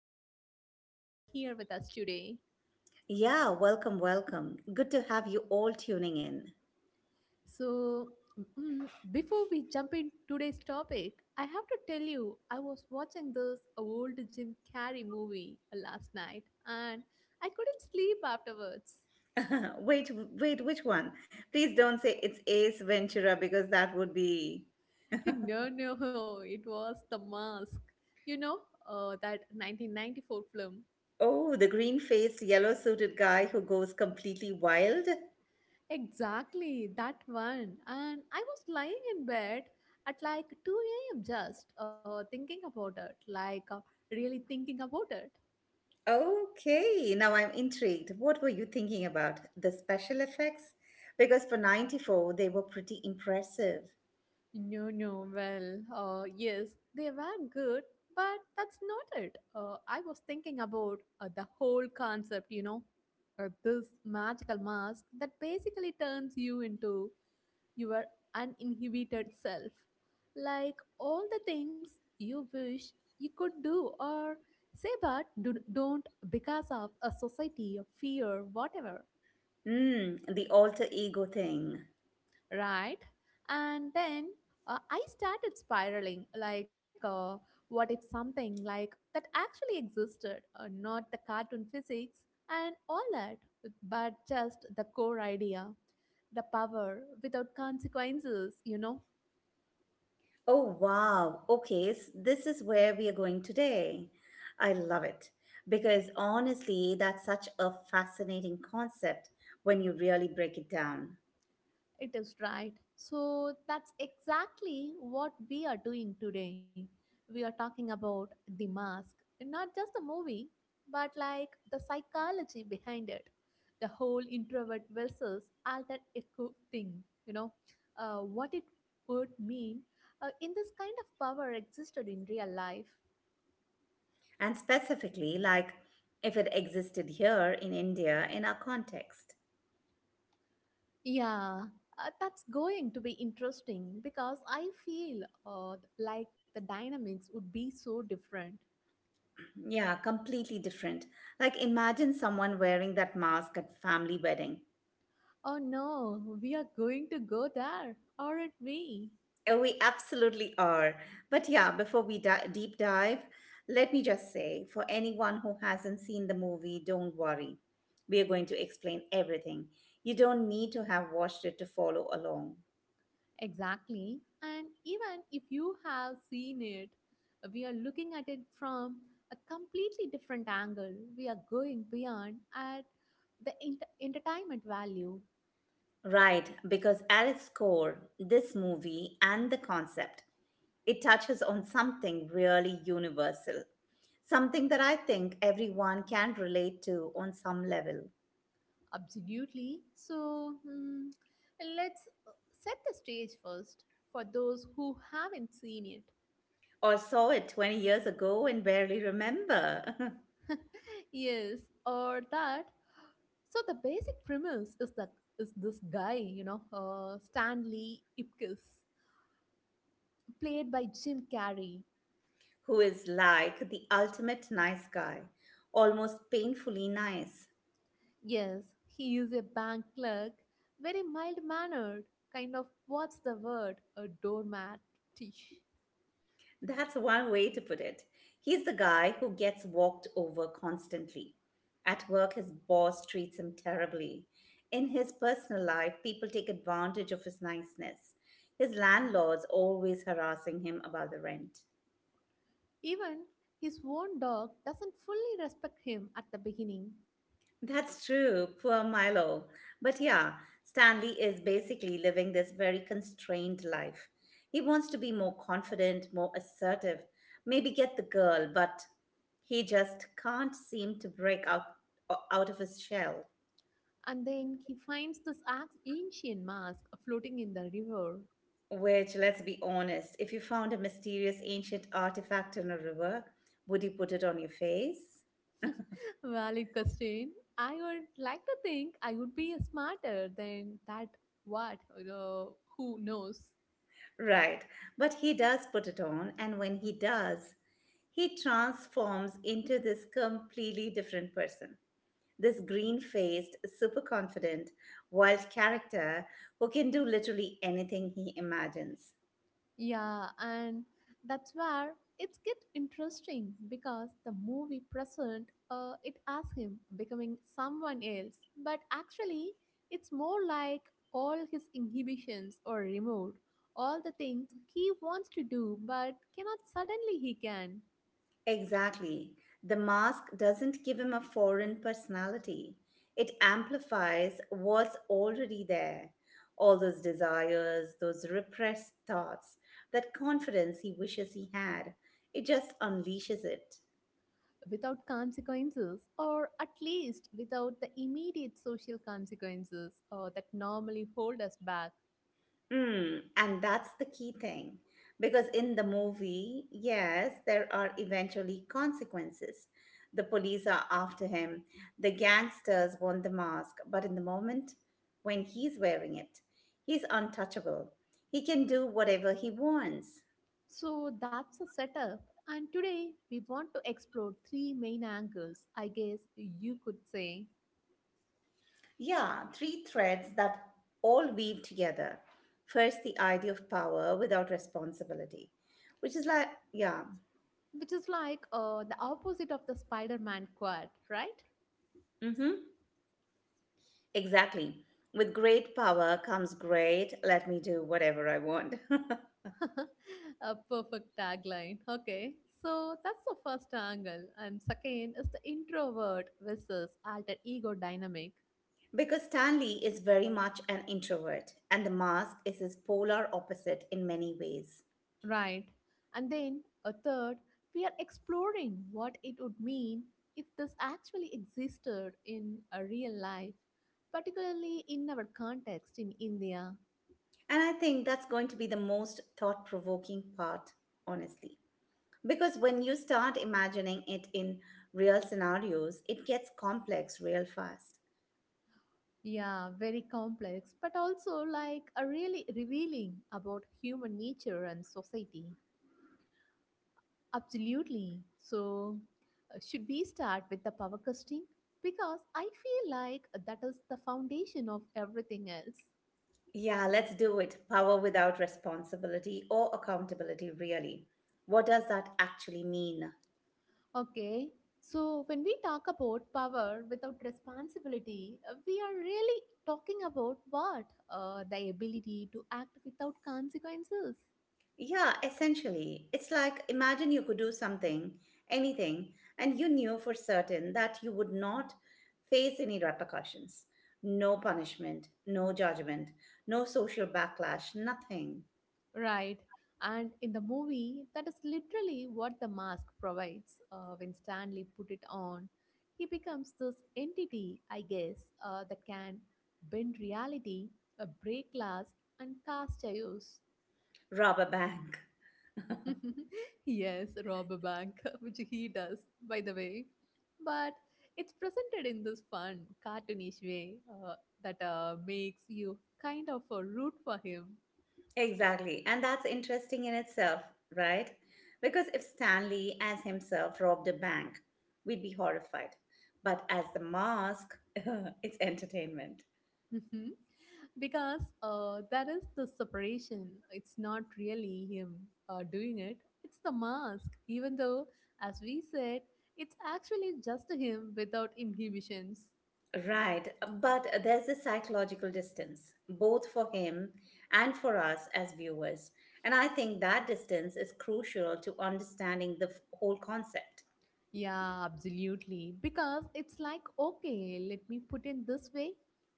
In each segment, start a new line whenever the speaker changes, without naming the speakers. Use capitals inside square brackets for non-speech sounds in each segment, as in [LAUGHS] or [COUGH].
so glad you are here with us today.
Yeah, welcome, welcome. Good to have you all tuning in.
So, mm, Before we jump in today's topic, I have to tell you I was watching this old Jim Carrey movie last night and I couldn't sleep afterwards.
[LAUGHS] Wait, wait, which one? Please don't say it's Ace Ventura because that would be.
[LAUGHS] No, no, it was The Mask. You know, that 1994 film.
Oh, the green faced, yellow suited guy who goes completely wild?
Exactly, that one. And I was lying in bed at like 2 a.m. just thinking about it, like really thinking about it.
Okay, now I'm intrigued. What were you thinking about? The special effects? Because for 94, they were pretty impressive.
No, no. Well, yes, they were good, but that's not it. I was thinking about the whole concept, this magical mask that basically turns you into your uninhibited self. Like all the things you wish you could do or say, but don't because of a society of fear, whatever.
Hmm, the alter ego thing.
Right? And then I started spiraling, like what if something like that actually existed? Not the cartoon physics and all that, but just the core idea, the power without consequences, you know?
Oh, wow. Okay, this is where we are going today. I love it because honestly, that's such a fascinating concept when you really break it down.
It is, right. So that's exactly what we are doing today. We are talking about the mask, not just the movie, but like the psychology behind it, the whole introvert versus alter ego thing, what it would mean in this kind of power existed in real life.
And specifically, like if it existed here in India in our context.
Yeah, that's going to be interesting because I feel like the dynamics would be so different.
Yeah, completely different. Like imagine someone wearing that mask at family wedding.
Oh no, we are going to go there, aren't we?
Oh, we absolutely are. But yeah, before we deep dive, let me just say for anyone who hasn't seen the movie, don't worry. We are going to explain everything. You don't need to have watched it to follow along.
Exactly. And even if you have seen it, we are looking at it from a completely different angle. We are going beyond at the entertainment value.
Right, because at its core, this movie and the concept, it touches on something really universal. Something that I think everyone can relate to on some level.
Absolutely. Let's set the stage first for those who haven't seen it.
Or saw it 20 years ago and barely remember. [LAUGHS]
[LAUGHS] Yes, or that. So the basic premise is that is this guy, Stanley Ipkiss, played by Jim Carrey.
Who is like the ultimate nice guy, almost painfully nice.
Yes, he is a bank clerk, very mild mannered, kind of, what's the word, a doormat.
That's one way to put it. He's the guy who gets walked over constantly. At work, his boss treats him terribly. In his personal life, people take advantage of his niceness. His landlord's always harassing him about the rent.
[LAUGHS] Even his own dog doesn't fully respect him at the beginning.
That's true, poor Milo. But yeah, Stanley is basically living this very constrained life. He wants to be more confident, more assertive, maybe get the girl, but he just can't seem to break out of his shell.
And then he finds this ancient mask floating in the river.
Which, let's be honest, if you found a mysterious ancient artifact in a river, would you put it on your face?
Valid question. I would like to think I would be smarter than that, what who knows.
Right. But he does put it on, and when he does, he transforms into this completely different person. This green faced, super confident, wild character who can do literally anything he imagines.
Yeah, and that's where it gets interesting because the movie present it as him becoming someone else, but actually it's more like all his inhibitions are removed, all the things he wants to do but cannot, suddenly he can.
Exactly. The mask doesn't give him a foreign personality, it amplifies what's already there. All those desires, those repressed thoughts, that confidence he wishes he had. It just unleashes it.
Without consequences, or at least without the immediate social consequences that normally hold us back.
Mm, and that's the key thing. Because in the movie, yes, there are eventually consequences. The police are after him, the gangsters want the mask, but in the moment when he's wearing it, he's untouchable. He can do whatever he wants.
So that's a setup. And today we want to explore three main angles, I guess you could say,
Yeah, three threads that all weave together. First, the idea of power without responsibility, which is like, yeah.
which is like the opposite of the Spider Man quad, right?
Mm-hmm. Exactly. With great power comes great, let me do whatever I want.
[LAUGHS] A perfect tagline. Okay. So that's the first angle. And second is the introvert versus alter ego dynamic.
[LAUGHS] Because Stanley is very much an introvert, and the mask is his polar opposite in many ways.
Right. And then a third, we are exploring what it would mean if this actually existed in a real life, particularly in our context in India.
And I think that's going to be the most thought provoking part, honestly. Because when you start imagining it in real scenarios, it gets complex real fast.
Yeah, very complex, but also like a really revealing about human nature and society. Absolutely. So, should we start with the power casting? Because I feel like that is the foundation of everything else.
Yeah, let's do it. Power without responsibility or accountability, really. What does that actually mean?
Okay, so when we talk about power without responsibility, we are really talking about what? The ability to act without consequences.
Yeah, essentially. It's like imagine you could do something, anything, and you knew for certain that you would not face any repercussions. No punishment, no judgment, no social backlash, nothing.
Right. And in the movie, that is literally what the mask provides. When Stanley put it on, he becomes this entity, I guess, that can bend reality, break glass, and cast chaos.
Rob a bank. [LAUGHS]
[LAUGHS] Yes, rob a bank, [LAUGHS] which he does, by the way. But it's presented in this fun, cartoonish way that makes you kind of root for him.
Exactly. And that's interesting in itself, right? Because if Stanley as himself robbed a bank, we'd be horrified. But as the mask, [LAUGHS] it's entertainment.
Mhm. Because that is the separation. It's not really him doing it, it's the mask, even though, as we said, it's actually just him without inhibitions.
Right, but there's a psychological distance, both for him and for us as viewers. And I think that distance is crucial to understanding the whole concept.
Yeah, absolutely. Because it's like, okay, let me put in this way.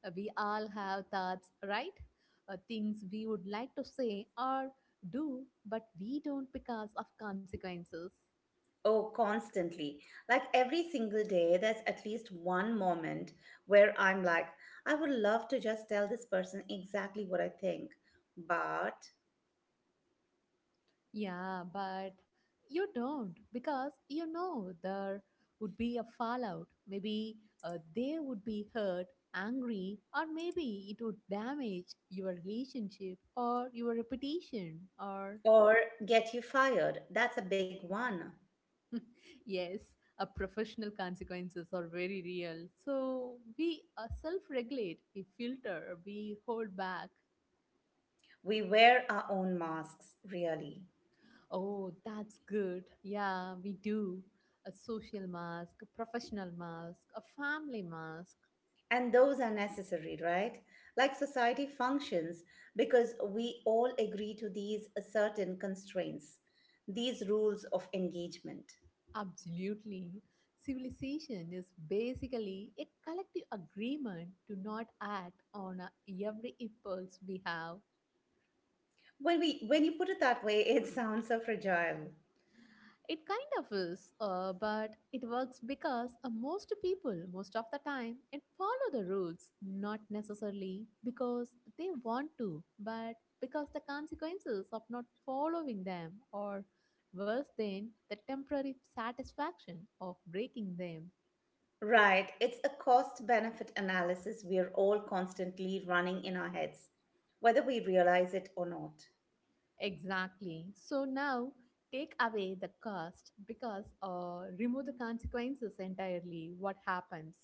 We all have thoughts, right? Things we would like to say or do, but we don't because of consequences.
Oh, constantly. Like every single day, there's at least one moment where I'm like, I would love to just tell this person exactly what I think, but,
Yeah, but you don't because you know there would be a fallout. Maybe they would be hurt, angry, or maybe it would damage your relationship or your reputation or—
or get you fired. That's a big one.
Yes, a professional consequences are very real. So we self-regulate, we filter, we hold back.
We wear our own masks, really.
Oh, that's good. Yeah, we do. A social mask, a professional mask, a family mask.
And those are necessary, right? Like society functions because we all agree to these certain constraints, these rules of engagement.
Absolutely. Civilization is basically a collective agreement to not act on every impulse we have.
When you put it that way, it [LAUGHS] sounds so fragile.
It kind of is, but it works because most people, most of the time, it follow the rules, not necessarily because they want to, but because the consequences of not following them, or worse than the temporary satisfaction of breaking them.
Right, it's a cost benefit analysis we're all constantly running in our heads, whether we realize it or not.
Exactly. So now take away the cost, because remove the consequences entirely. What happens?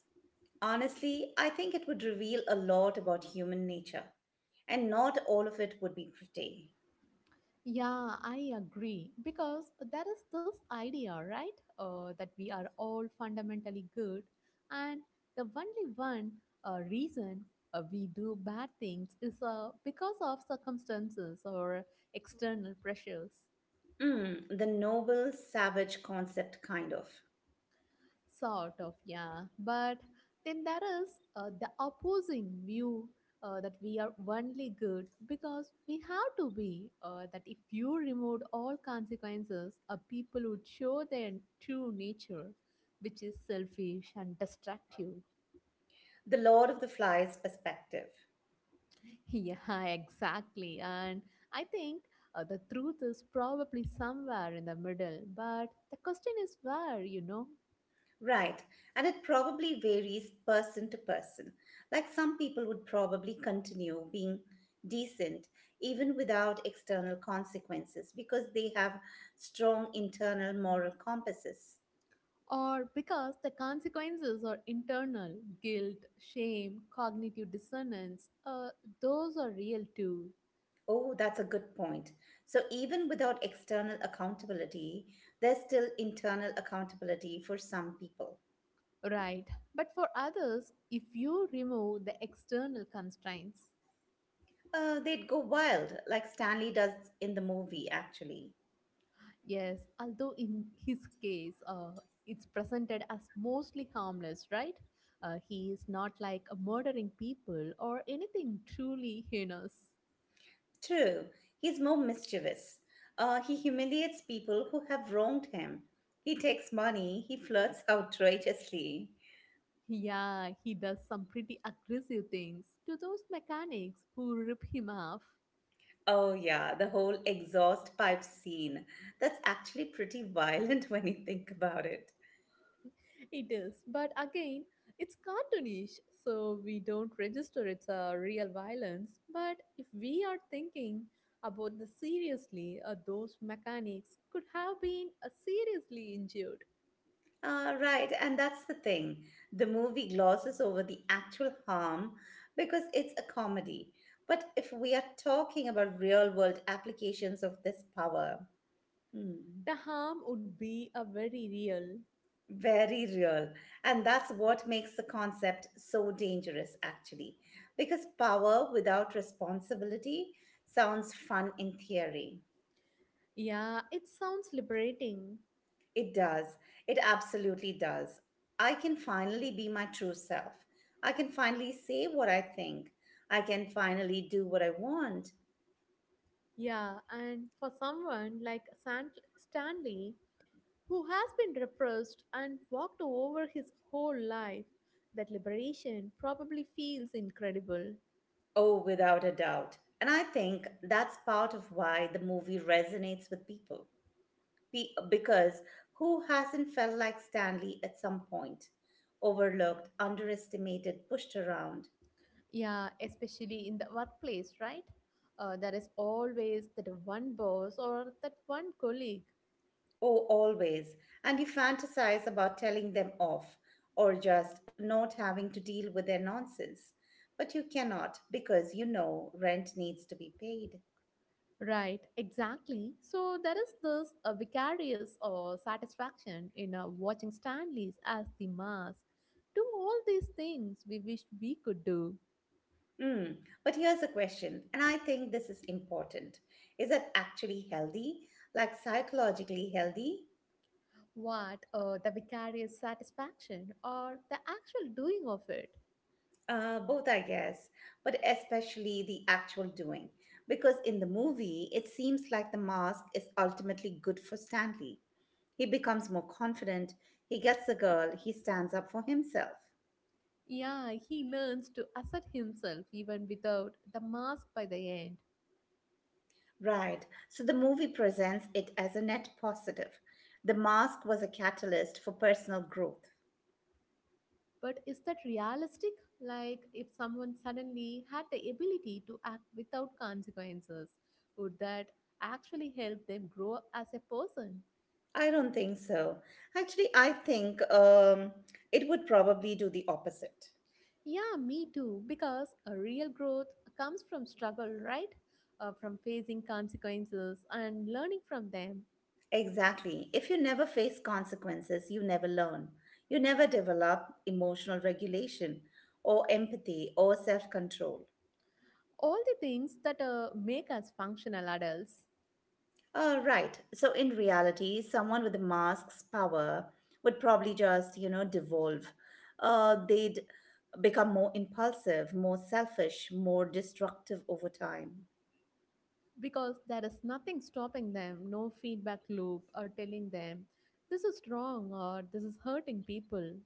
Honestly, I think it would reveal a lot about human nature, and not all of it would be pretty.
Yeah, I agree. Because there is this idea, right? That we are all fundamentally good, and the only one reason we do bad things is because of circumstances or external pressures.
Mm, the noble savage concept, kind of.
Sort of, yeah. But then there is the opposing view that we are only good because we have to be. That if you removed all consequences, people would show their true nature, which is selfish and destructive.
The Lord of the Flies perspective.
[LAUGHS] Yeah, exactly. And I think the truth is probably somewhere in the middle, but the question is where, you know?
Right, and it probably varies person to person. Like some people would probably continue being decent even without external consequences because they have strong internal moral compasses.
Or because the consequences are internal: guilt, shame, cognitive dissonance, those are real too,
Oh, that's a good point. So, even without external accountability, there's still internal accountability for some people.
right? But for others, if you remove the external constraints—
They'd go wild, like Stanley does in the movie, actually.
yes, although in his case, it's presented as mostly harmless, right? He is not like murdering people or anything truly heinous.
True, he's more mischievous. He humiliates people who have wronged him. He takes money, he flirts [LAUGHS] outrageously.
Yeah, he does some pretty aggressive things to those mechanics who rip him off.
Oh, yeah, the whole exhaust pipe scene. That's actually pretty violent [LAUGHS] when you think about it.
It is, but again, it's cartoonish, so we don't register it's a real violence. But if we are thinking about this seriously, those mechanics could have been seriously injured.
Right, and that's the thing. The movie glosses over the actual harm because it's a comedy. But if we are talking about real world applications of this power, hmm,
The harm would be a very real.
very real. And that's what makes the concept so dangerous, actually. Because power without responsibility sounds fun in theory.
Yeah, it sounds liberating.
It does. It absolutely does. I can finally be my true self. I can finally say what I think. I can finally do what I want.
Yeah, and for someone like Stanley, who has been repressed and walked over his whole life, that liberation probably feels incredible.
Oh, without a doubt. And I think that's part of why the movie resonates with people. Because who hasn't felt like Stanley at some point? Overlooked, underestimated, pushed around.
Yeah, especially in the workplace, right? There is always that one boss or that one colleague.
Oh, always. And you fantasize about telling them off or just not having to deal with their nonsense. But you cannot because you know rent needs to be paid.
Right, exactly. So there is this vicarious or satisfaction in watching Stanley's as the mask do all these things we wished we could do.
Mm. But here's a question, and I think this is important. Is that actually healthy? Like psychologically healthy?
What the vicarious satisfaction or the actual doing of it?
Both, I guess, but especially the actual doing. Because in the movie, it seems like the mask is ultimately good for Stanley. He becomes more confident, he gets the girl, he stands up for himself.
Yeah, he learns to assert himself even without the mask by the end.
Right, so the movie presents it as a net positive. The mask was a catalyst for personal growth.
But is that realistic? Like, if someone suddenly had the ability to act without consequences, would that actually help them grow as a person?
I don't think so. Actually, I think it would probably do the opposite.
Yeah, me too, because a real growth comes from struggle, right? From facing consequences and learning from them.
Exactly. If you never face consequences, you never learn. You never develop emotional regulation or empathy or self control.
All the things that make us functional adults,
Right. So, in reality, someone with a mask's power would probably just, you know, devolve. They'd become more impulsive, more selfish, more destructive over time.
because there is nothing stopping them, no feedback loop or telling them this is wrong or this is hurting people.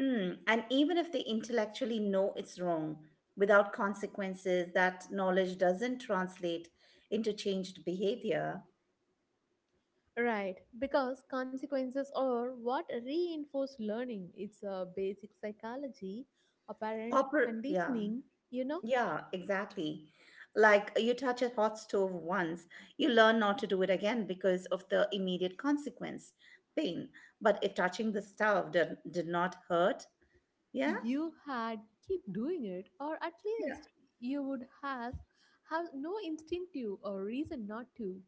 Mm, and even if they intellectually know it's wrong, without consequences, that knowledge doesn't translate into changed behavior.
Right, because consequences are what reinforce learning. It's a basic psychology, apparent
Popper, yeah,
conditioning. You know,
yeah, exactly. Like you touch a hot stove once, you learn not to do it again because of the immediate consequence, pain. But if touching the stove did not hurt, yeah,
you had keep doing it, or at
yeah.
least you would have no instinctive or reason not to.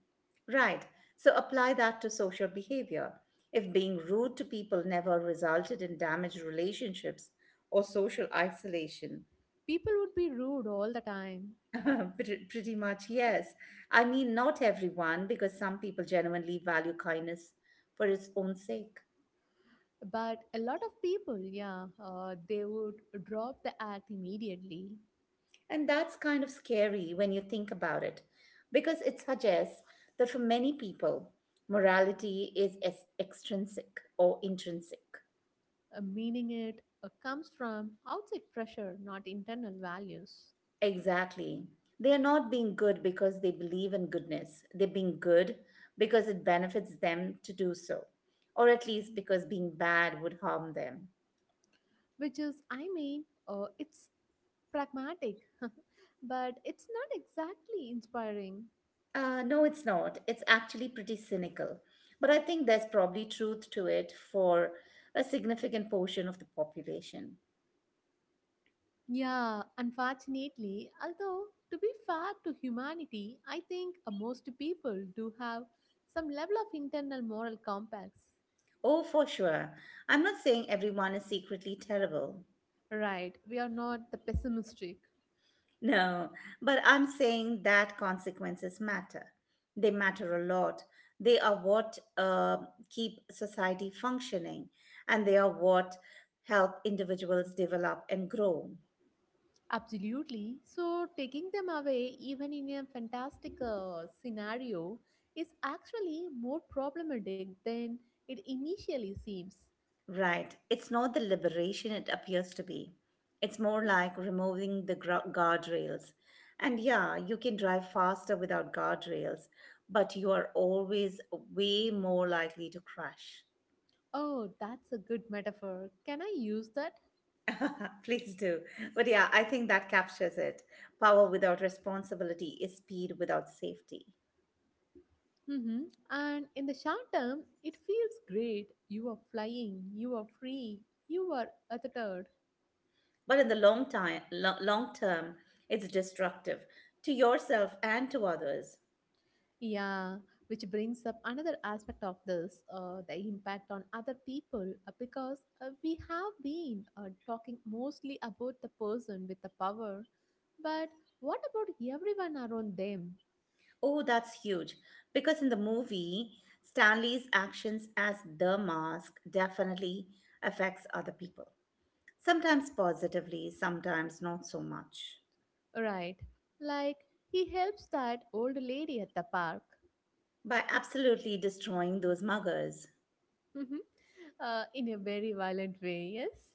Right. So apply that to social behavior. If being rude to people never resulted in damaged relationships or social isolation,
People would be rude all the time,
[LAUGHS] pretty much yes. I mean, not everyone, because some people genuinely value kindness for its own sake.
but a lot of people, yeah, they would drop the act immediately.
And that's kind of scary when you think about it, because it suggests that for many people, morality is extrinsic or intrinsic.
Meaning it comes from outside pressure, not internal values.
Exactly. They are not being good because they believe in goodness. They're being good because it benefits them to do so, or at least because being bad would harm them.
Which is, I mean, it's pragmatic [LAUGHS] but it's not exactly inspiring.
No, it's not. It's actually pretty cynical. But I think there's probably truth to it for a significant portion of the population.
Yeah, unfortunately, although to be fair to humanity, I think most people do have some level of internal moral compass.
Oh, for sure. I'm not saying everyone is secretly terrible.
Right, we are not the pessimistic.
No, but I'm saying that consequences matter. They matter a lot. They are what keep society functioning, and they are what help individuals develop and grow.
Absolutely. So taking them away, even in a fantastic scenario, is actually more problematic than it initially seems.
Right. It's not the liberation it appears to be. It's more like removing the guardrails. And yeah, you can drive faster without guardrails, but you are always way more likely to crash.
Oh, that's a good metaphor. Can I use that?
[LAUGHS] Please do. But yeah, I think that captures it. Power without responsibility is speed without safety.
Hmm. And in the short term, it feels great. You are flying, you are free, you are untethered.
But in the long time, long term, it's destructive to yourself and to others.
Yeah, which brings up another aspect of this, the impact on other people, because we have been talking mostly about the person with the power, but what about everyone around them,
Oh, that's huge. Because in the movie, Stanley's actions as the mask definitely affects other people. Sometimes positively, sometimes not so much.
right? Like, he helps that old lady at the park.
By absolutely destroying those muggers.
[LAUGHS] Mhm. In a very violent way, yes.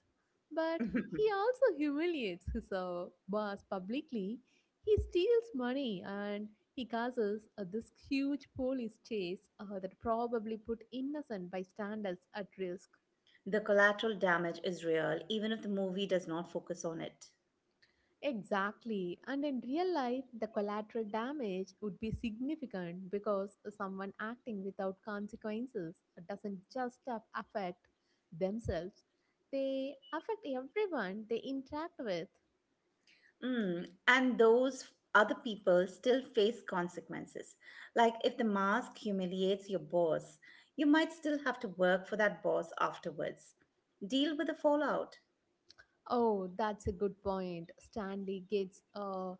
But he
[LAUGHS]
also humiliates his boss publicly. He steals money and he causes this huge police chase that probably put innocent bystanders at risk.
The collateral damage is real, even if the movie does not focus on it.
Exactly. And in real life, the collateral damage would be significant because someone acting without consequences doesn't just affect themselves, they affect everyone they interact with.
Mm, and those other people still face consequences. Like if the mask humiliates your boss, you might still have to work for that boss afterwards. Deal with the fallout.
Oh, that's a good point. Stanley gets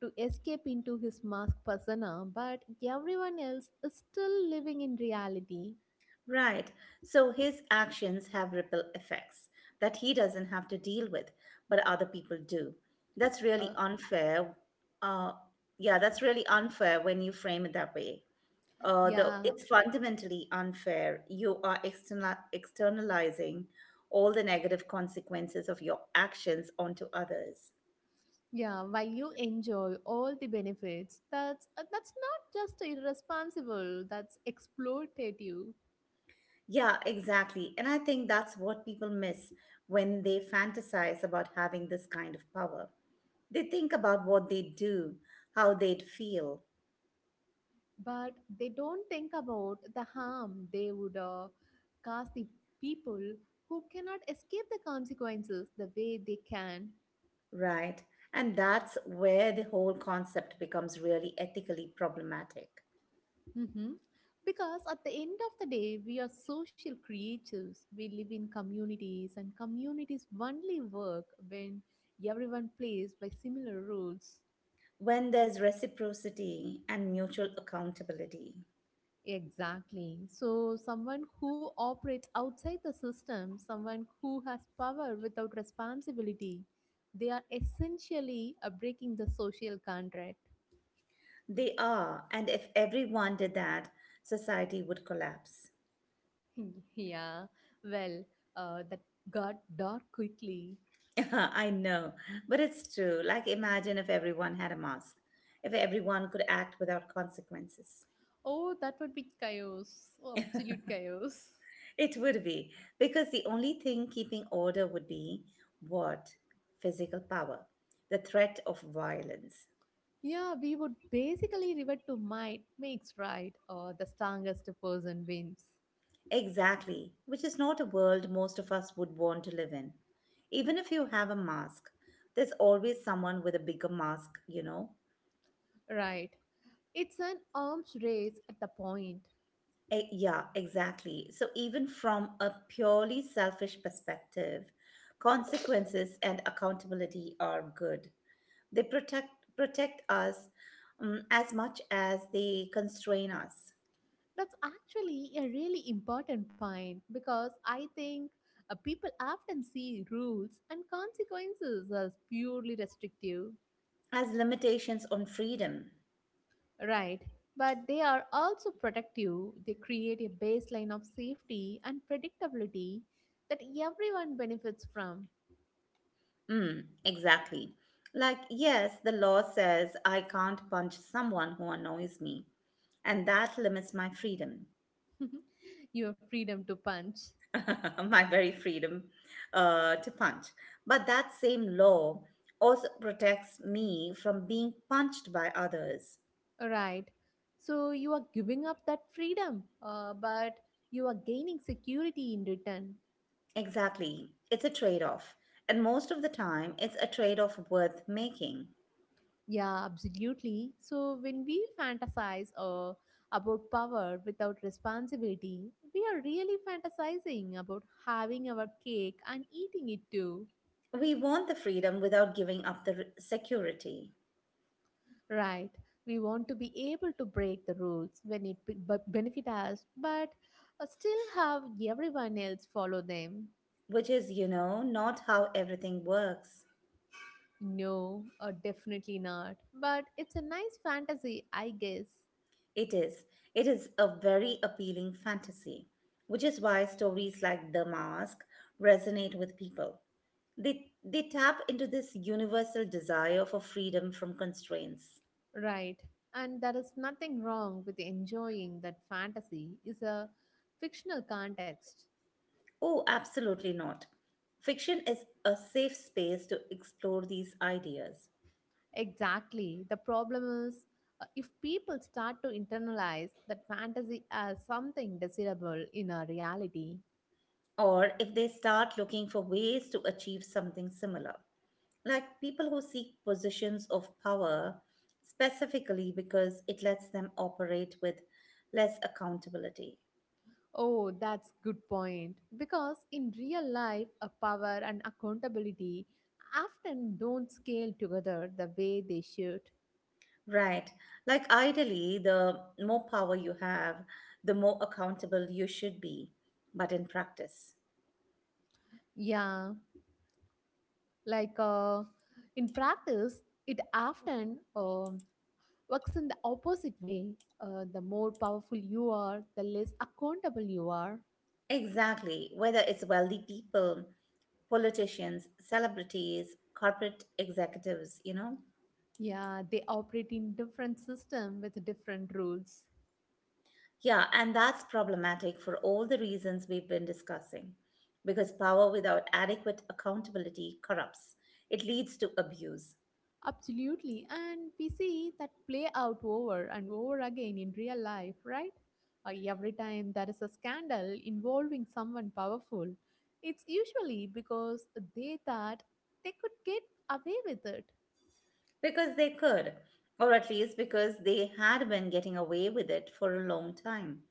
to escape into his mask persona, but everyone else is still living in reality.
Right. So his actions have ripple effects that he doesn't have to deal with, but other people do. That's really
Uh,
unfair. Uh, yeah, that's really unfair when you frame it that way.
yeah,
It's fundamentally unfair. You are externalizing all the negative consequences of your actions onto others.
yeah, while you enjoy all the benefits, that's not just irresponsible, that's exploitative.
Yeah, exactly. And I think that's what people miss when they fantasize about having this kind of power. They think about what they do, how they'd feel,
But they don't think about the harm they would cause the people who cannot escape the consequences the way they can.
right? And that's where the whole concept becomes really ethically problematic.
hmm Because at the end of the day, we are social creatures. We live in communities, and communities only work when everyone plays by similar rules.
When there's reciprocity and mutual accountability,
Exactly. So, someone who operates outside the system, someone who has power without responsibility, they are essentially breaking the social contract.
they are, and if everyone did that, society would collapse.
[LAUGHS] Yeah, well, that got dark quickly.
[LAUGHS] I know, but it's true. Like, imagine if everyone had a mask, if everyone could act without consequences.
Oh, that would be chaos. Oh, absolute chaos.
It would be, because the only thing keeping order would be what? Physical power, the threat of violence.
Yeah, we would basically revert to might makes right, or the strongest person wins.
Exactly, which is not a world most of us would want to live in. Even if you have a mask, there's always someone with a bigger mask, you know?
Right. It's an arms race at the point.
Yeah, exactly. So, even from a purely selfish perspective, consequences and accountability are good. They protect us, as much as they constrain us,
That's actually a really important point because I think people often see rules and consequences as purely restrictive,
as limitations on freedom.
right? But they are also protective. They create a baseline of safety and predictability that everyone benefits from.
Mm, exactly. Like, yes, the law says I can't punch someone who annoys me, and that limits my freedom,
[LAUGHS] Your freedom to punch,
[LAUGHS] my very freedom to punch. But that same law also protects me from being punched by others.
right? So you are giving up that freedom, but you are gaining security in return.
Exactly. It's a trade off. And most of the time, it's a trade off worth making.
Yeah, absolutely. So when we fantasize about power without responsibility, we are really fantasizing about having our cake and eating it too.
We want the freedom without giving up the security,
Right. We want to be able to break the rules when it benefit us, but still have everyone else follow them.
which is, you know, not how everything works.
No, definitely not. But it's a nice fantasy, I guess.
It is. It is a very appealing fantasy, which is why stories like The Mask resonate with people. They tap into this universal desire for freedom from constraints.
Right. And there is nothing wrong with enjoying that fantasy is a fictional context.
Oh, absolutely not. Fiction is a safe space to explore these ideas,
Exactly. The problem is if people start to internalize that fantasy as something desirable in our reality.
or if they start looking for ways to achieve something similar, like people who seek positions of power specifically because it lets them operate with less accountability.
Oh, that's good point. Because in real life, a power and accountability often don't scale together the way they should.
Right. Like ideally, the more power you have, the more accountable you should be, but in practice.
Yeah, like in practice, it often works in the opposite way. The more powerful you are, the less accountable you are.
Exactly, whether it's wealthy people, politicians, celebrities, corporate executives, you know?
Yeah, they operate in different system with different rules.
Yeah, and that's problematic for all the reasons we've been discussing. Because power without adequate accountability corrupts, it leads to abuse.
Absolutely, and we see that play out over and over again in real life, right? Every time there is a scandal involving someone powerful, it's usually because they thought they could get away with it.
Because they could, or at least because they had been getting away with it for a long time.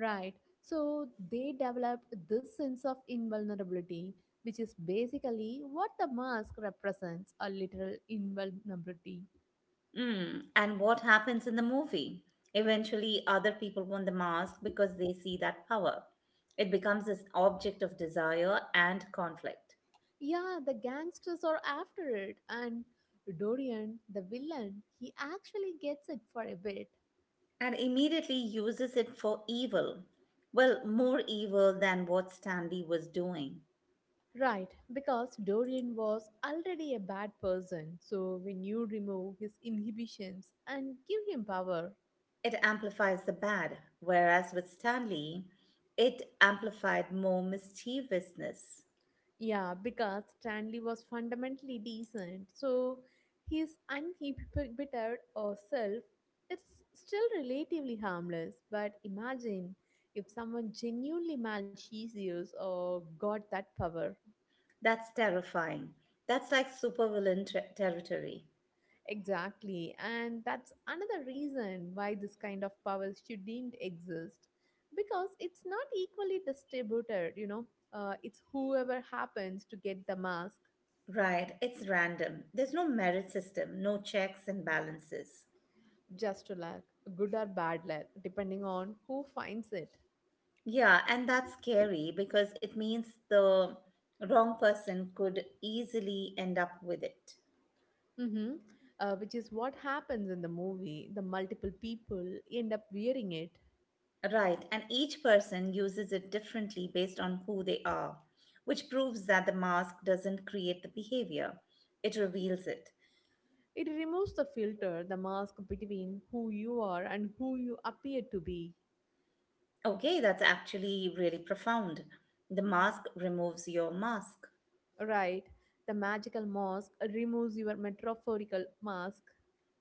Right. So they developed this sense of invulnerability, which is basically what the mask represents a literal invulnerability.
Mm. And what happens in the movie? Eventually, other people want the mask because they see that power. It becomes this object of desire and conflict,
Yeah, the gangsters are after it, and Dorian, the villain, he actually gets it for a bit.
and immediately uses it for evil. Well, more evil than what Stanley was doing.
Right, because Dorian was already a bad person, so when you remove his inhibitions and give him power,
It amplifies the bad, whereas with Stanley, it amplified more mischievousness.
yeah, because Stanley was fundamentally decent. So his uninhibited or self is still relatively harmless. But imagine if someone genuinely malicious or got that power.
That's terrifying. That's like supervillain territory.
Exactly. And that's another reason why this kind of power shouldn't exist. Because it's not equally distributed, you know. It's whoever happens to get the mask.
Right, it's random. There's no merit system, no checks and balances.
Just luck, good or bad luck, depending on who finds it.
Yeah, and that's scary because it means the wrong person could easily end up with it.
hmm which is what happens in the movie. The multiple people end up wearing it.
Right, and each person uses it differently based on who they are, which proves that the mask doesn't create the behavior, it reveals it.
It removes the filter, the mask between who you are and who you appear to be.
Okay, that's actually really profound. The mask removes your mask.
Right? The magical mask removes your metaphorical mask. [LAUGHS]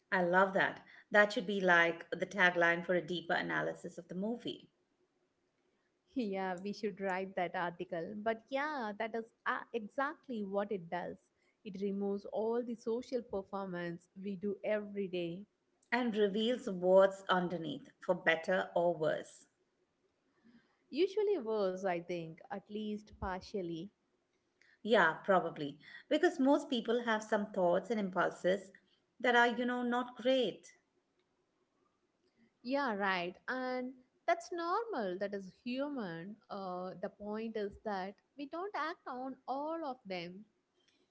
I love that. That should be like the tagline for a deeper analysis of the movie
Yeah, we should write that article. But yeah, that is exactly what it does. It removes all the social performance we do every day.
and reveals what's underneath, for better or worse.
Usually worse, I think, at least partially.
Yeah, probably. Because most people have some thoughts and impulses that are, you know, not great.
Yeah, right. And that's normal. That is human. The point is that we don't act on all of them.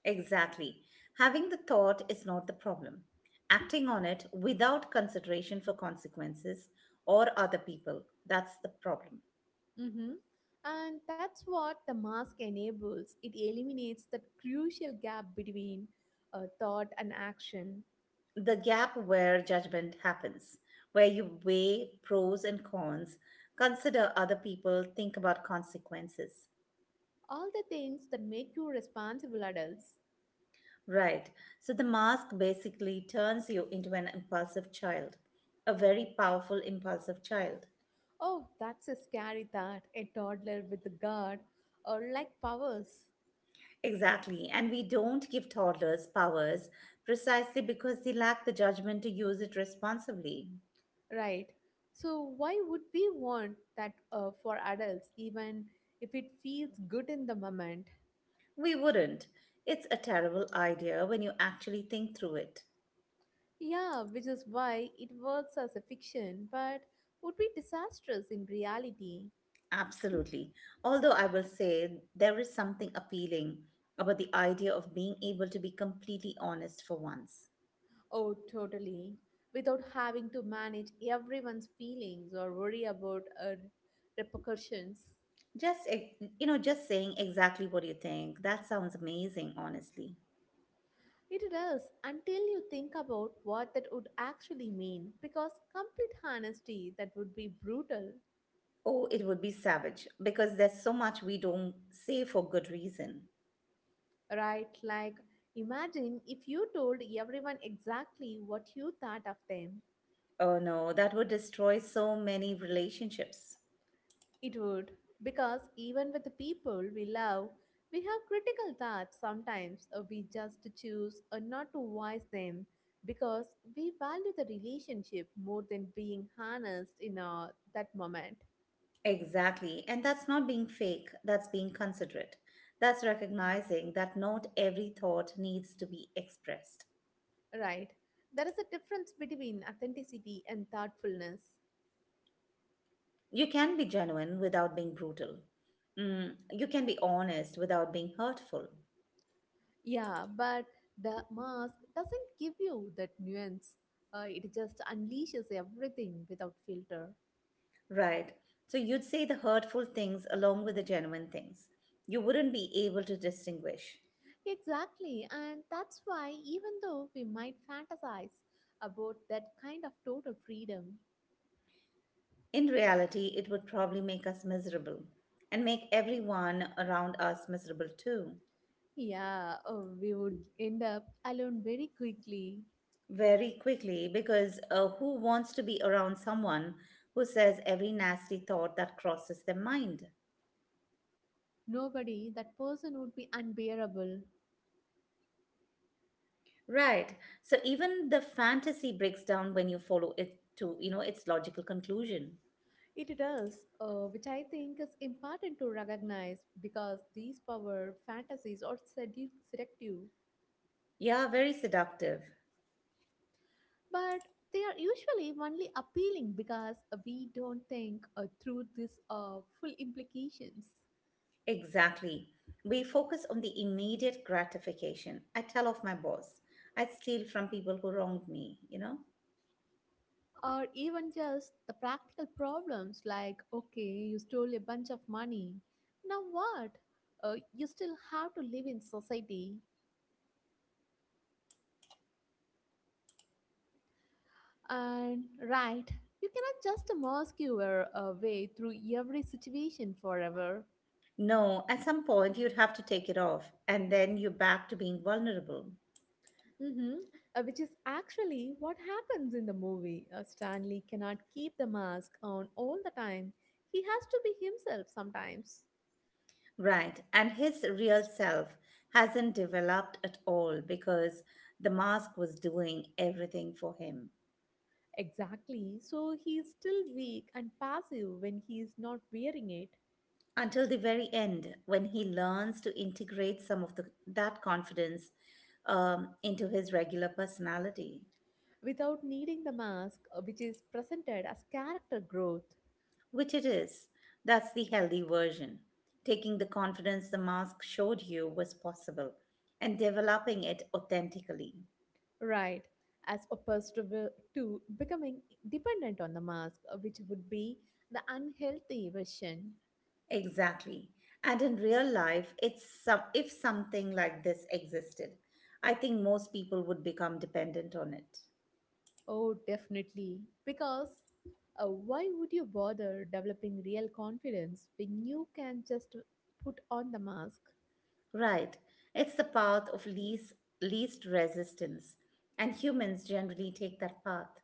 Exactly. Having the thought is not the problem. Acting on it without consideration for consequences or other people, that's the problem.
hmm And that's what the mask enables. It eliminates that crucial gap between thought and action.
The gap where judgment happens, where you weigh pros and cons, consider other people, think about consequences.
All the things that make you responsible adults.
Right. So the mask basically turns you into an impulsive child, a very powerful impulsive child.
Oh, that's a scary thought. A toddler with a guard or like powers.
Exactly. And we don't give toddlers powers precisely because they lack the judgment to use it responsibly.
Right. So, why would we want that for adults, even if it feels good in the moment?
We wouldn't. It's a terrible idea when you actually think through it.
Yeah, which is why it works as a fiction, but would be disastrous in reality.
Absolutely. Although I will say there is something appealing about the idea of being able to be completely honest for once.
Oh, totally. Without having to manage everyone's feelings or worry about repercussions.
Just, you know, just saying exactly what you think. That sounds amazing, honestly.
It does until you think about what that would actually mean, because complete honesty that would be brutal.
Oh, it would be savage because there's so much we don't say for good reason.
Right? Like, imagine if you told everyone exactly what you thought of them.
Oh no, that would destroy so many relationships.
It would, because even with the people we love, we have critical thoughts sometimes. We just choose not to voice them because we value the relationship more than being honest in that moment.
Exactly. And that's not being fake, that's being considerate. That's recognizing that not every thought needs to be expressed.
Right? There is a difference between authenticity and thoughtfulness.
You can be genuine without being brutal. Mm, you can be honest without being hurtful,
Yeah, but the mask doesn't give you that nuance. It just unleashes everything without filter.
right? So you'd say the hurtful things along with the genuine things. You wouldn't be able to distinguish.
Exactly, and that's why even though we might fantasize about that kind of total freedom,
In reality, it would probably make us miserable and make everyone around us miserable too.
yeah, we would end up alone very quickly.
Very quickly, because who wants to be around someone who says every nasty thought that crosses their mind?
Nobody, that person would be unbearable.
Right. So even the fantasy breaks down when you follow it to, you know, its logical conclusion.
It does, which I think is important to recognize because these power fantasies are seductive,
Yeah, very seductive.
but they are usually only appealing because we don't think through these full implications.
Exactly. We focus on the immediate gratification. I tell off my boss. I steal from people who wronged me, you know?
Or even just the practical problems like, okay, you stole a bunch of money, now what? You still have to live in society, and right, you cannot just mask your way through every situation forever.
No, at some point you'd have to take it off, and then you're back to being vulnerable.
Mm-hmm. Which is actually what happens in the movie. Stanley cannot keep the mask on all the time. He has to be himself sometimes.
Right. And his real self hasn't developed at all because the mask was doing everything for him.
Exactly. So he is still weak and passive when he is not wearing it
Until the very end when he learns to integrate some of the, that confidence, into his regular personality,
without needing the mask, which is presented as character growth.
which it is. That's the healthy version. Taking the confidence the mask showed you was possible and developing it authentically.
Right. As opposed to, to becoming dependent on the mask, which would be the unhealthy version.
Exactly. And in real life, it's some, if something like this existed, I think most people would become dependent on it.
Oh, definitely. Because why would you bother developing real confidence when you can just put on the mask?
Right. It's the path of least resistance, and humans generally take that path.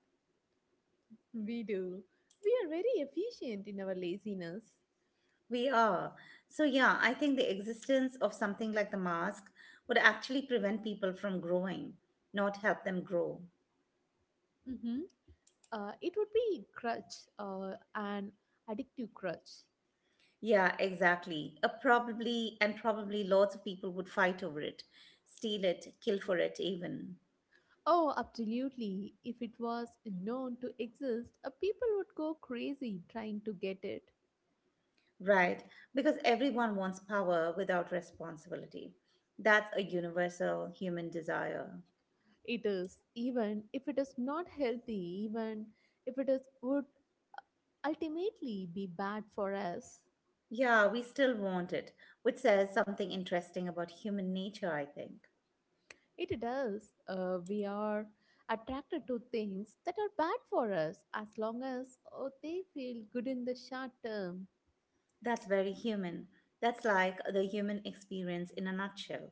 We do. We are very efficient in our laziness.
We are. So yeah, I think the existence of something like the mask would actually prevent people from growing, not help them grow.
hmm it would be crutch, uh, an addictive crutch.
Yeah, exactly. A probably and probably lots of people would fight over it, steal it, kill for it even.
Oh, absolutely. If it was known to exist, people would go crazy trying to get it.
Right, because everyone wants power without responsibility. That's a universal human desire.
It is, even if it is not healthy, even if it is would ultimately be bad for us.
Yeah, we still want it, which says something interesting about human nature, I think.
It does. We are attracted to things that are bad for us as long as they feel good in the short term.
That's very human. That's like the human experience in a nutshell.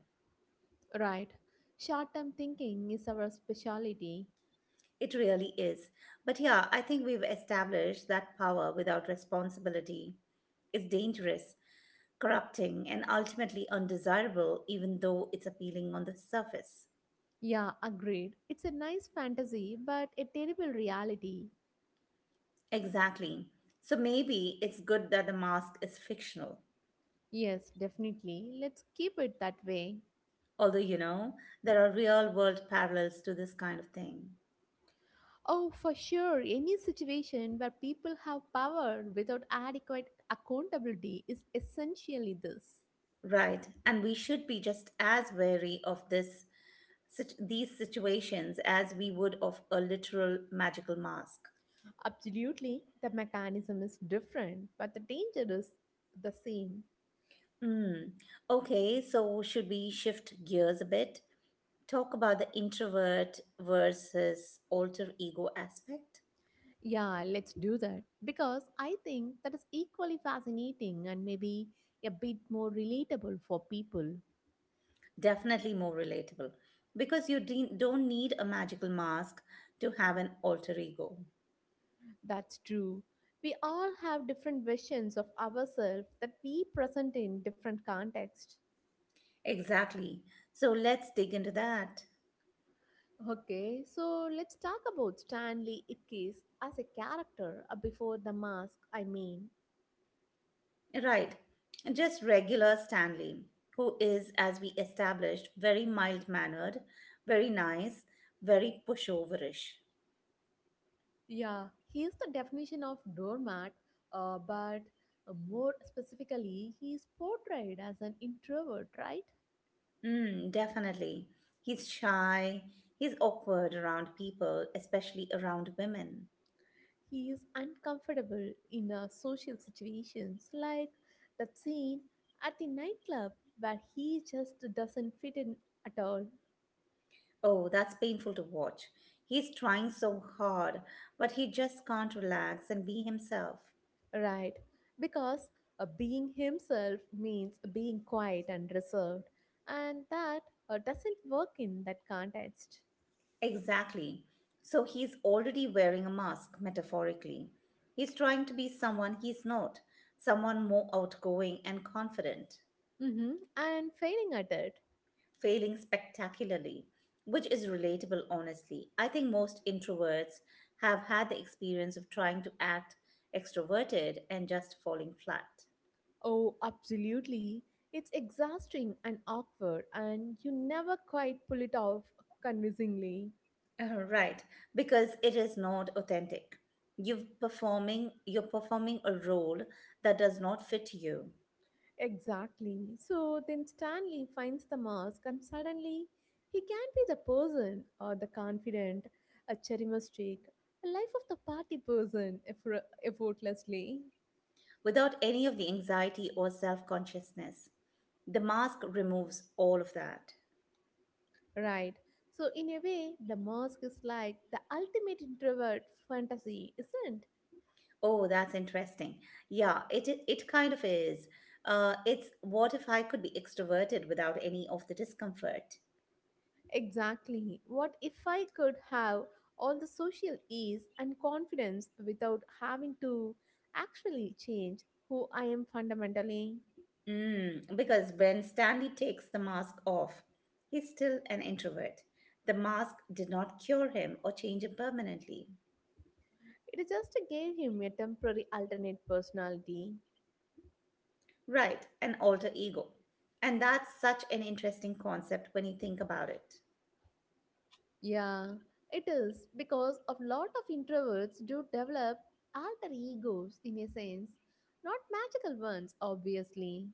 Right. Short term thinking is our specialty.
It really is. But yeah, I think we've established that power without responsibility is dangerous, corrupting, and ultimately undesirable, even though it's appealing on the surface.
Yeah, agreed. It's a nice fantasy, but a terrible reality.
Exactly. So maybe it's good that the mask is fictional.
Yes, definitely. Let's keep it that way.
Although, you know, there are real world parallels to this kind of thing.
Oh, for sure. Any situation where people have power without adequate accountability is essentially this.
Right, and we should be just as wary of this these situations as we would of a literal magical mask.
Absolutely, the mechanism is different, but the danger is the same.
Mm. Okay, so should we shift gears a bit? Talk about the introvert versus alter ego aspect?
Yeah, let's do that because I think that is equally fascinating and maybe a bit more relatable for people.
Definitely more relatable because you don't need a magical mask to have an alter ego.
That's true. We all have different visions of ourselves that we present in different contexts.
Exactly. So let's dig into that.
Okay, so let's talk about Stanley Ipkiss as a character before the mask, I mean.
Right. Just regular Stanley, who is, as we established, very mild mannered, very nice, very pushoverish.
Yeah, he is the definition of doormat, but more specifically, he is portrayed as an introvert, right?
Mm, definitely. He's shy, he's awkward around people, especially around women.
He is uncomfortable in social situations, like that scene at the nightclub where he just doesn't fit in at all,
Oh, that's painful to watch. He's trying so hard, but he just can't relax and be himself.
right? Because being himself means being quiet and reserved, and that doesn't work in that context.
Exactly. So he's already wearing a mask, metaphorically. He's trying to be someone he's not, someone more outgoing and confident,
Mm-hmm. And failing at it.
failing spectacularly, which is relatable, honestly. I think most introverts have had the experience of trying to act extroverted and just falling flat.
Oh, absolutely. It's exhausting and awkward, and you never quite pull it off convincingly.
Right, because it is not authentic. You're performing a role that does not fit you.
Exactly. So then Stanley finds the mask, and suddenly he can be the person or the confident, a charismatic, a life of the party person effortlessly.
Without any of the anxiety or self consciousness. The mask removes all of that.
Right. So, in a way, the mask is like the ultimate introvert fantasy, isn't.
Oh, that's interesting. Yeah, it kind of is. It's what if I could be extroverted without any of the discomfort?
Exactly. What if I could have all the social ease and confidence without having to actually change who I am fundamentally?
Mm, because when Stanley takes the mask off, he's still an introvert. The mask did not cure him or change him permanently.
It just gave him a temporary alternate personality.
Right, an alter ego. And that's such an interesting concept when you think about it.
Yeah, it is because a lot of introverts do develop alter egos in a sense, not magical ones, obviously.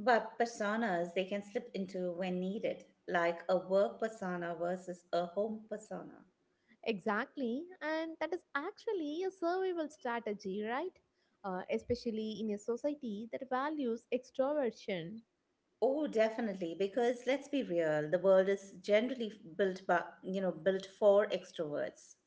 But personas they can slip into when needed, like a work persona versus a home persona.
Exactly, and that is actually a survival strategy, right? Especially in a society that values extroversion.
Oh, definitely, because let's be real, the world is generally built by, you know, built for extroverts.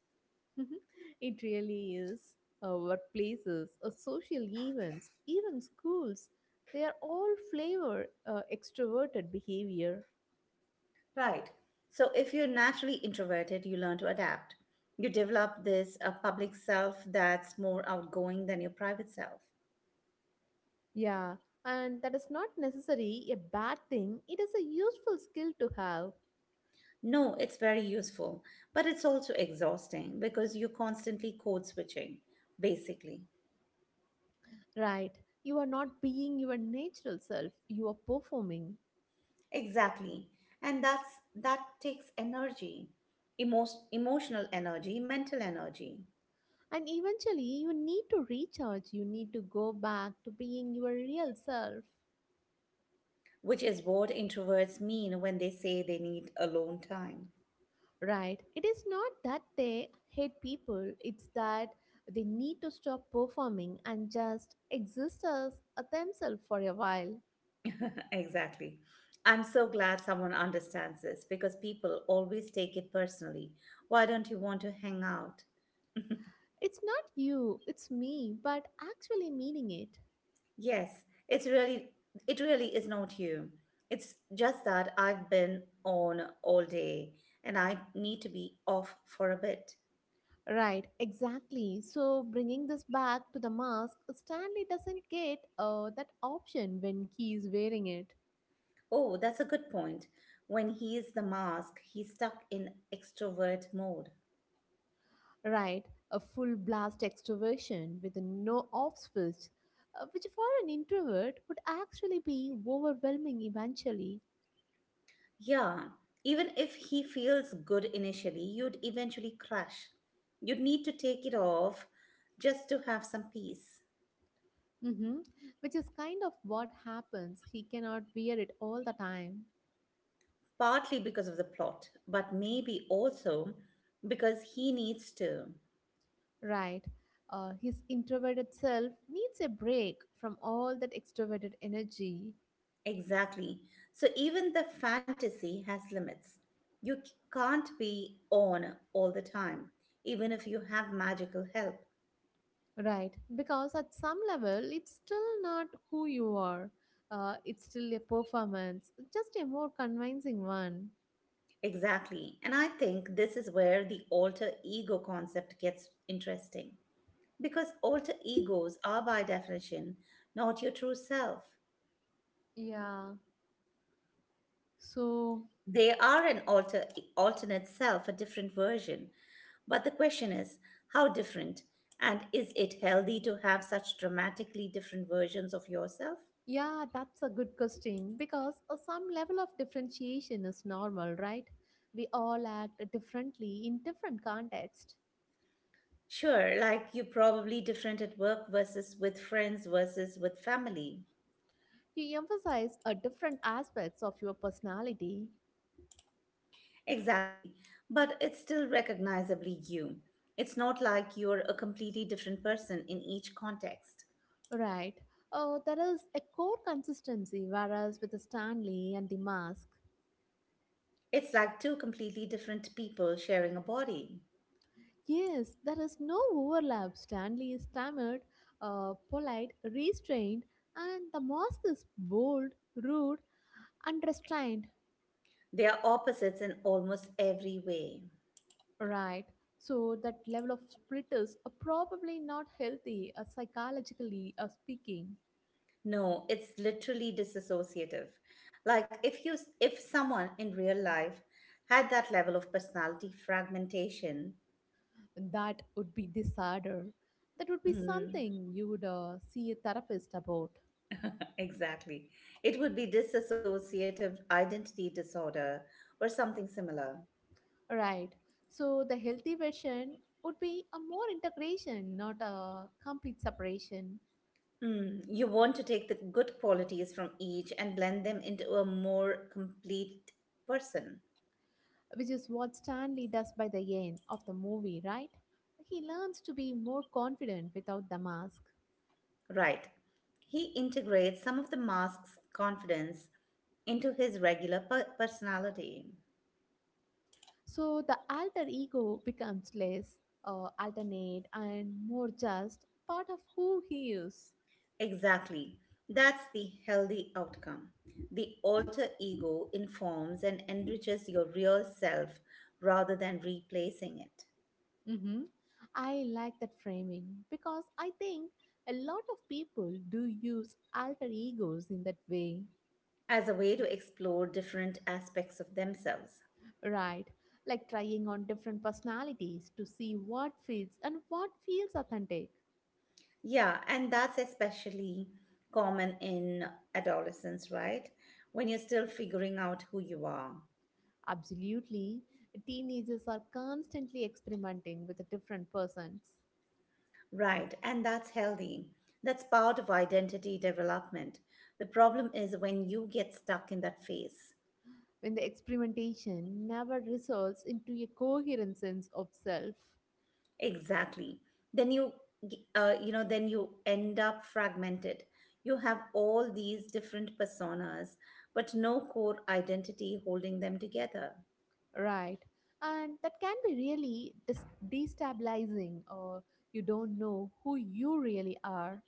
[LAUGHS] It really is. Uh, workplaces, social events, even schools, they are all flavor extroverted behavior.
Right. So if you're naturally introverted, you learn to adapt. You develop this public self that's more outgoing than your private self.
Yeah, and that is not necessarily a bad thing, it is a useful skill to have.
No, it's very useful, but it's also exhausting because you're constantly code switching, basically.
Right, you are not being your natural self, you are performing.
Exactly. And that's that takes energy. Emo- emotional energy, mental energy,
And eventually, you need to recharge, you need to go back to being your real self.
which is what introverts mean when they say they need alone time.
Right? It is not that they hate people, it's that they need to stop performing and just exist as a themselves for a while.
[LAUGHS] exactly. I'm so glad someone understands this because people always take it personally. Why don't you want to hang out?
It's not you, it's me, but actually meaning it.
Yes, it's really it really is not you. It's just that I've been on all day and I need to be off for a bit.
Right, exactly. So, bringing this back to the mask, Stanley doesn't get that option when he is wearing it.
Oh, that's a good point. When he is the mask, he's stuck in extrovert mode.
Right, a full blast extroversion with no off switch, which for an introvert would actually be overwhelming eventually.
Yeah, even if he feels good initially, you'd eventually crash. You'd need to take it off just to have some peace.
hmm Which is kind of what happens. He cannot wear it all the time.
Partly because of the plot, but maybe also because he needs to.
Right, his introverted self needs a break from all that extroverted energy.
Exactly. So even the fantasy has limits. You can't be on all the time, even if you have magical help.
Right, because at some level, it's still not who you are. It's still a performance, just a more convincing one.
Exactly. And I think this is where the alter ego concept gets interesting because alter egos are, by definition, not your true self.
Yeah. So,
They are an alternate self, a different version. But the question is, how different? And is it healthy to have such dramatically different versions of yourself?
yeah, that's a good question because some level of differentiation is normal, right? We all act differently in different contexts.
Sure, like you're probably different at work versus with friends versus with family.
You emphasize different aspects of your personality,
Exactly. But it's still recognizably you. It's not like you're a completely different person in each context.
right? There is a core consistency, whereas with Stanley and the mask,
It's like two completely different people sharing a body.
yes, there is no overlap. Stanley is stammered, polite, restrained, and the mask is bold, rude, and restrained.
They are opposites in almost every way.
Right. So that level of splitters are probably not healthy psychologically speaking.
No, it's literally disassociative. Like if someone in real life had that level of personality fragmentation,
That would be disorder. That would be
mm,
something you would see a therapist about.
[LAUGHS] exactly. It would be dissociative identity disorder or something similar.
Right. So the healthy version would be a more integration, not a complete separation,
Mm, you want to take the good qualities from each and blend them into a more complete person.
which is what Stanley does by the end of the movie, right? He learns to be more confident without the mask.
Right. He integrates some of the mask's confidence into his regular personality.
So the alter ego becomes less alternate and more just part of who he is.
Exactly. That's the healthy outcome. The alter ego informs and enriches your real self rather than replacing it
Hmm, I like that framing because I think a lot of people do use alter egos in that way,
as a way to explore different aspects of themselves.
right? Like trying on different personalities to see what fits and what feels authentic.
Yeah, and that's especially common in adolescence, right? When you're still figuring out who you are.
Absolutely, teenagers are constantly experimenting with the different persons.
Right, and that's healthy. That's part of identity development. The problem is when you get stuck in that phase.
When the experimentation never results into a coherent sense of self,
Exactly. Then you you know then you end up fragmented. You have all these different personas, but no core identity holding them together.
right? And that can be really destabilizing, or you don't know who you really are.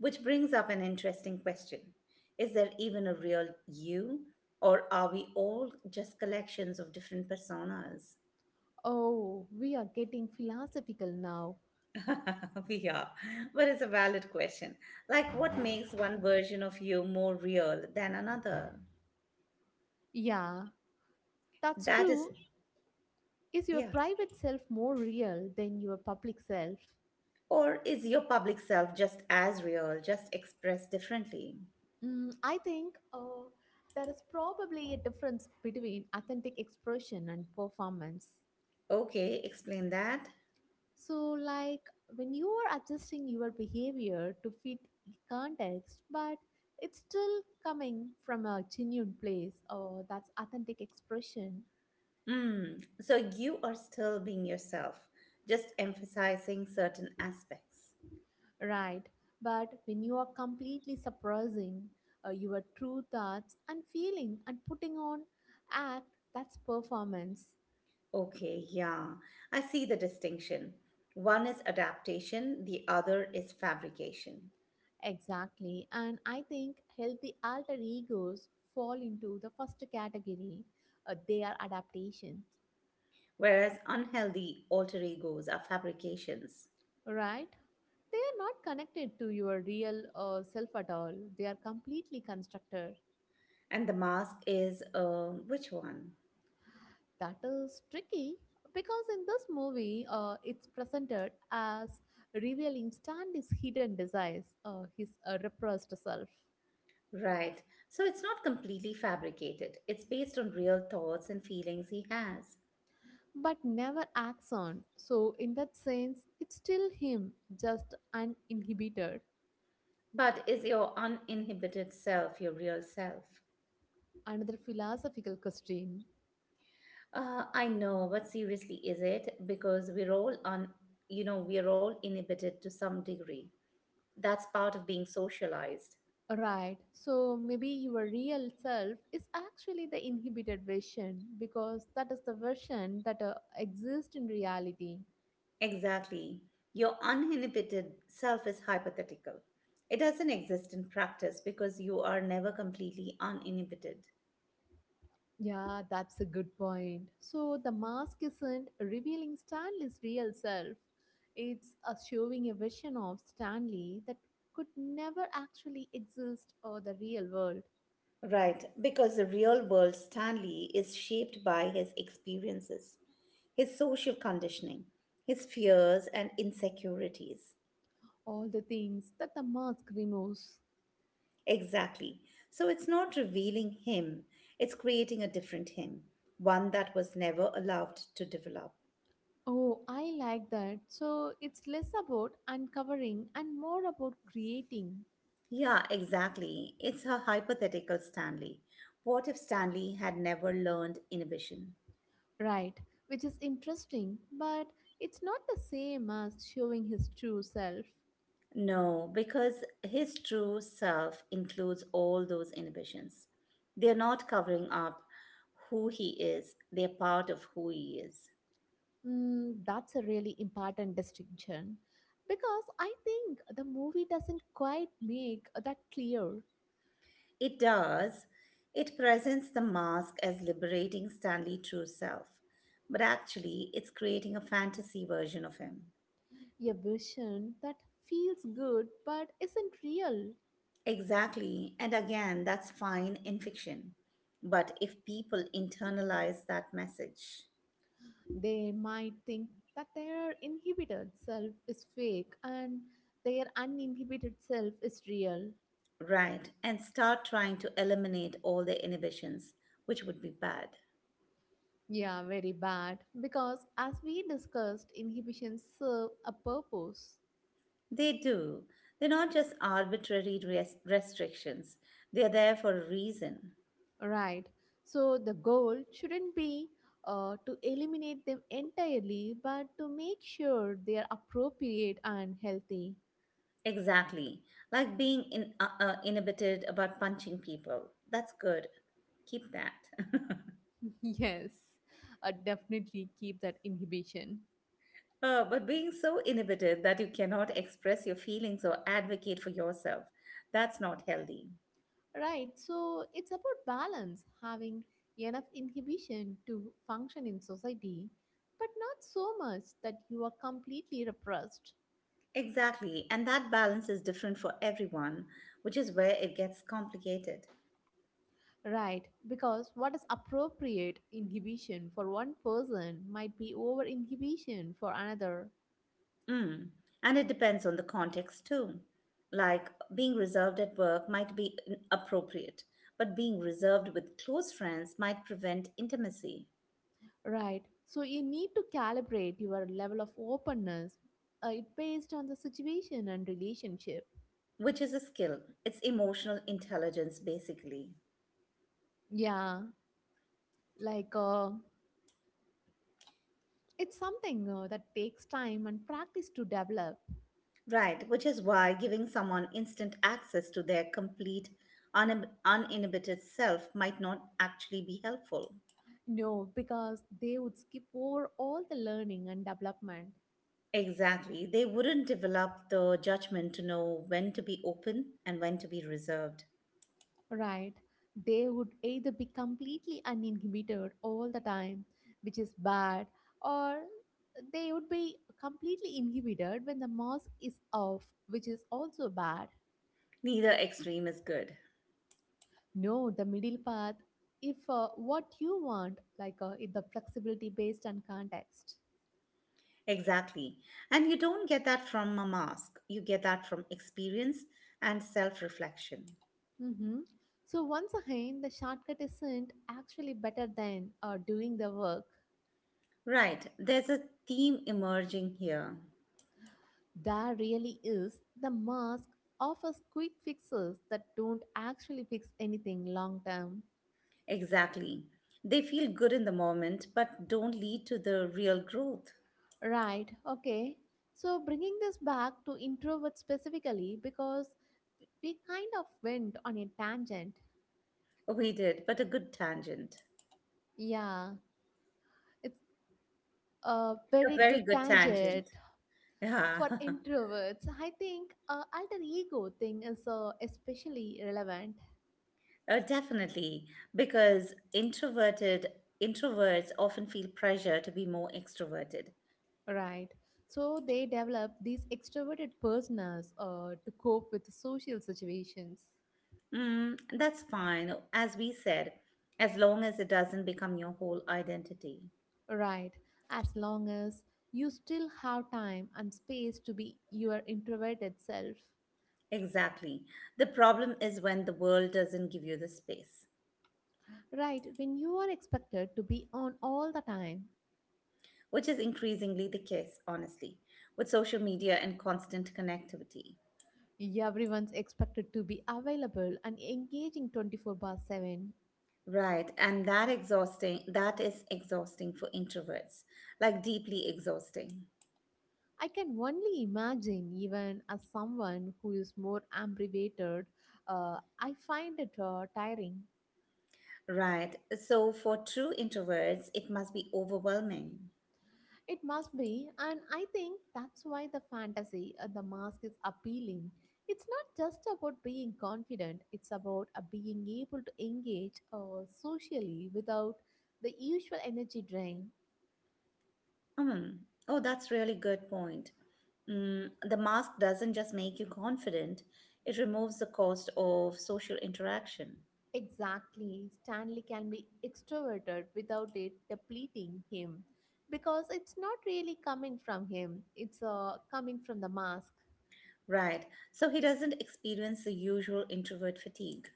Which brings up an interesting question. Is there even a real you, or are we all just collections of different personas?
Oh, we are getting philosophical now.
[LAUGHS] We are, but it's a valid question. Like, what makes one version of you more real than another?
Yeah, that's
That is,
true. Is your
yeah.
private self more real than your public self?
Or is your public self just as real, just expressed differently?
Mm, I think there is probably a difference between authentic expression and performance.
Okay, explain that.
So, like, when you are adjusting your behavior to fit the context, but it's still coming from a genuine place, or that's authentic expression,
Mm, so you are still being yourself, just emphasizing certain aspects.
right? But when you are completely suppressing your true thoughts and feeling and putting on act, that's performance.
Okay, yeah, I see the distinction. One is adaptation, the other is fabrication.
Exactly. And I think healthy alter egos fall into the first category. They are adaptations,
Whereas unhealthy alter egos are fabrications.
right? They are not connected to your real self at all. They are completely constructed.
And the mask is, which one?
That is tricky because in this movie, it's presented as revealing Stanley's hidden desires, his repressed self,
Right, so it's not completely fabricated, it's based on real thoughts and feelings he has.
but never acts on. So, in that sense, it's still him, just uninhibited.
But is your uninhibited self your real self?
Another philosophical question.
I know, but seriously, is it? Because we're all on, you know, we're all inhibited to some degree. That's part of being socialized.
Right. So maybe your real self is actually the inhibited version because that is the version that exists in reality.
Exactly. Your uninhibited self is hypothetical. It doesn't exist in practice because you are never completely uninhibited.
Yeah, that's a good point. So the mask isn't revealing Stanley's real self, it's showing a version of Stanley that could never actually exist or the real world.
Right, because the real world Stanley is shaped by his experiences, his social conditioning, his fears and insecurities.
All the things that the mask removes.
Exactly. So it's not revealing him, it's creating a different him, one that was never allowed to develop.
Oh, I like that. So it's less about uncovering and more about creating.
Yeah, exactly. It's a hypothetical Stanley. What if Stanley had never learned inhibition?
Right, which is interesting, but it's not the same as showing his true self.
No, because his true self includes all those inhibitions. They're not covering up who he is, they're part of who he is.
Mm, that's a really important distinction because I think the movie doesn't quite make that clear.
It does, it presents the mask as liberating Stanley' true self, but actually, it's creating a fantasy version of him.
A vision that feels good but isn't real.
Exactly. And again, that's fine in fiction. But if people internalize that message,
They might think that their inhibited self is fake and their uninhibited self is real.
right, and start trying to eliminate all their inhibitions, which would be bad,
Yeah, very bad. Because as we discussed, inhibitions serve a purpose,
they do. They're not just arbitrary restrictions, they're there for a reason.
right? So the goal shouldn't be to eliminate them entirely, but to make sure they are appropriate and healthy.
Exactly. Like being in, inhibited about punching people. That's good. Keep that. [LAUGHS]
[LAUGHS] Yes, definitely keep that inhibition.
But being so inhibited that you cannot express your feelings or advocate for yourself, that's not healthy.
Right, so it's about balance, having enough inhibition to function in society, but not so much that you are completely repressed.
Exactly, and that balance is different for everyone, which is where it gets complicated.
Right, because what is appropriate inhibition for one person might be over inhibition for another.
Mm. And it depends on the context too. Like being reserved at work might be appropriate, but being reserved with close friends might prevent intimacy,
Right, so you need to calibrate your level of openness it based on the situation and relationship.
which is a skill. It's emotional intelligence, basically.
Yeah, like it's something that takes time and practice to develop.
Right, which is why giving someone instant access to their complete, uninhibited self might not actually be helpful.
No, because they would skip over all the learning and development.
Exactly. They wouldn't develop the judgment to know when to be open and when to be reserved.
Right. They would either be completely uninhibited all the time, which is bad, or they would be completely inhibited when the mask is off, which is also bad.
Neither extreme is good.
No, the middle path, if what you want, like, if the flexibility based on context.
Exactly. And you don't get that from a mask, you get that from experience and self reflection.
Hmm. So, once again, the shortcut isn't actually better than doing the work.
Right, there's a theme emerging here.
There really is the mask offers quick fixes that don't actually fix anything long term.
Exactly. They feel good in the moment, but don't lead to the real growth.
Right, okay. So bringing this back to introverts specifically because we kind of went on a tangent.
We did, but a good tangent.
Yeah, it's a
A
very
very
good
good
tangent
tangent. Yeah,
for
[LAUGHS]
introverts. I think alter ego thing is especially relevant.
Definitely. Because introverted introverts often feel pressure to be more extroverted.
Right. So they develop these extroverted personas to cope with social situations.
Mm, that's fine, as we said, as long as it doesn't become your whole identity.
Right. As long as you still have time and space to be your introverted self.
Exactly. The problem is when the world doesn't give you the space.
Right. When you are expected to be on all the time,
Which is increasingly the case, honestly, with social media and constant connectivity.
everyone's expected to be available and engaging 24/7.
Right, and that is exhausting for introverts, like deeply exhausting.
I can only imagine, even as someone who is more ambivert, I find it tiring.
Right. So for true introverts, it must be overwhelming.
It must be, and I think that's why the fantasy and the mask is appealing. It's not just about being confident, it's about being able to engage socially without the usual energy drain.
Hmm. Oh, that's really good point. Mm, the mask doesn't just make you confident, it removes the cost of social interaction.
Exactly, Stanley can be extroverted without it depleting him because it's not really coming from him, it's coming from the mask.
Right. So he doesn't experience the usual introvert fatigue.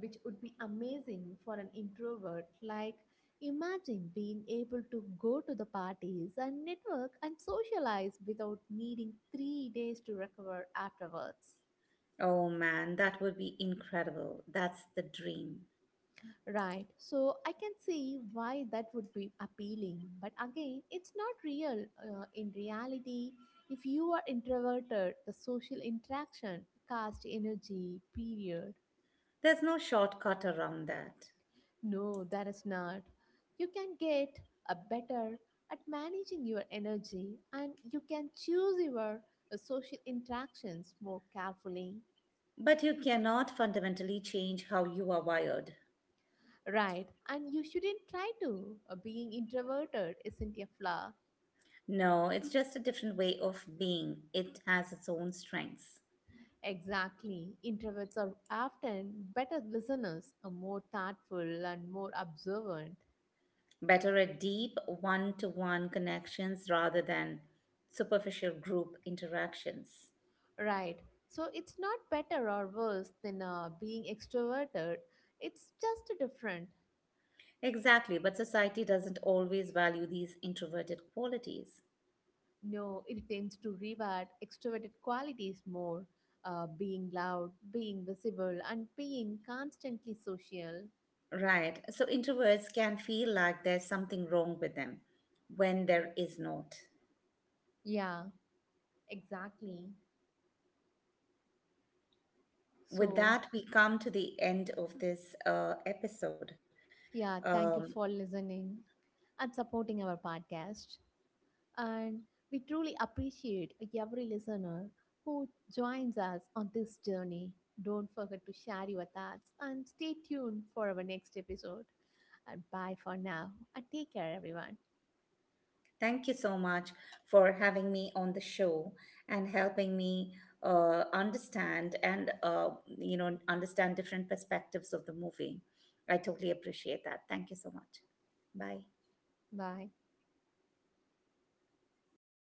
Which would be amazing for an introvert. Like, imagine being able to go to the parties and network and socialize without needing 3 days to recover afterwards.
Oh man, that would be incredible. That's the dream.
Right, so I can see why that would be appealing, but again, it's not real. In reality, if you are introverted, the social interaction, cast energy, period.
There's no shortcut around that.
No, that is not. You can get a better at managing your energy and you can choose your social interactions more carefully.
But you cannot fundamentally change how you are wired.
Right, and you shouldn't try to. Being introverted isn't a flaw.
No, it's just a different way of being. It has its own strengths.
Exactly. Introverts are often better listeners, are more thoughtful, and more observant.
Better at deep one to one connections rather than superficial group interactions.
Right, so it's not better or worse than being extroverted, it's just different.
Exactly, but society doesn't always value these introverted qualities.
No, it tends to reward extroverted qualities more, being loud, being visible, and being constantly social.
Right. So introverts can feel like there's something wrong with them when there is not.
Yeah, exactly.
With
So,
that, we come to the end of this episode.
yeah,
Um,
thank you for listening and supporting our podcast. And we truly appreciate every listener who joins us on this journey. Don't forget to share your thoughts and stay tuned for our next episode. And bye for now. And take care, everyone.
Thank you so much for having me on the show and helping me understand and understand different perspectives of the movie. I totally appreciate that. Thank you so much. Bye.
Bye.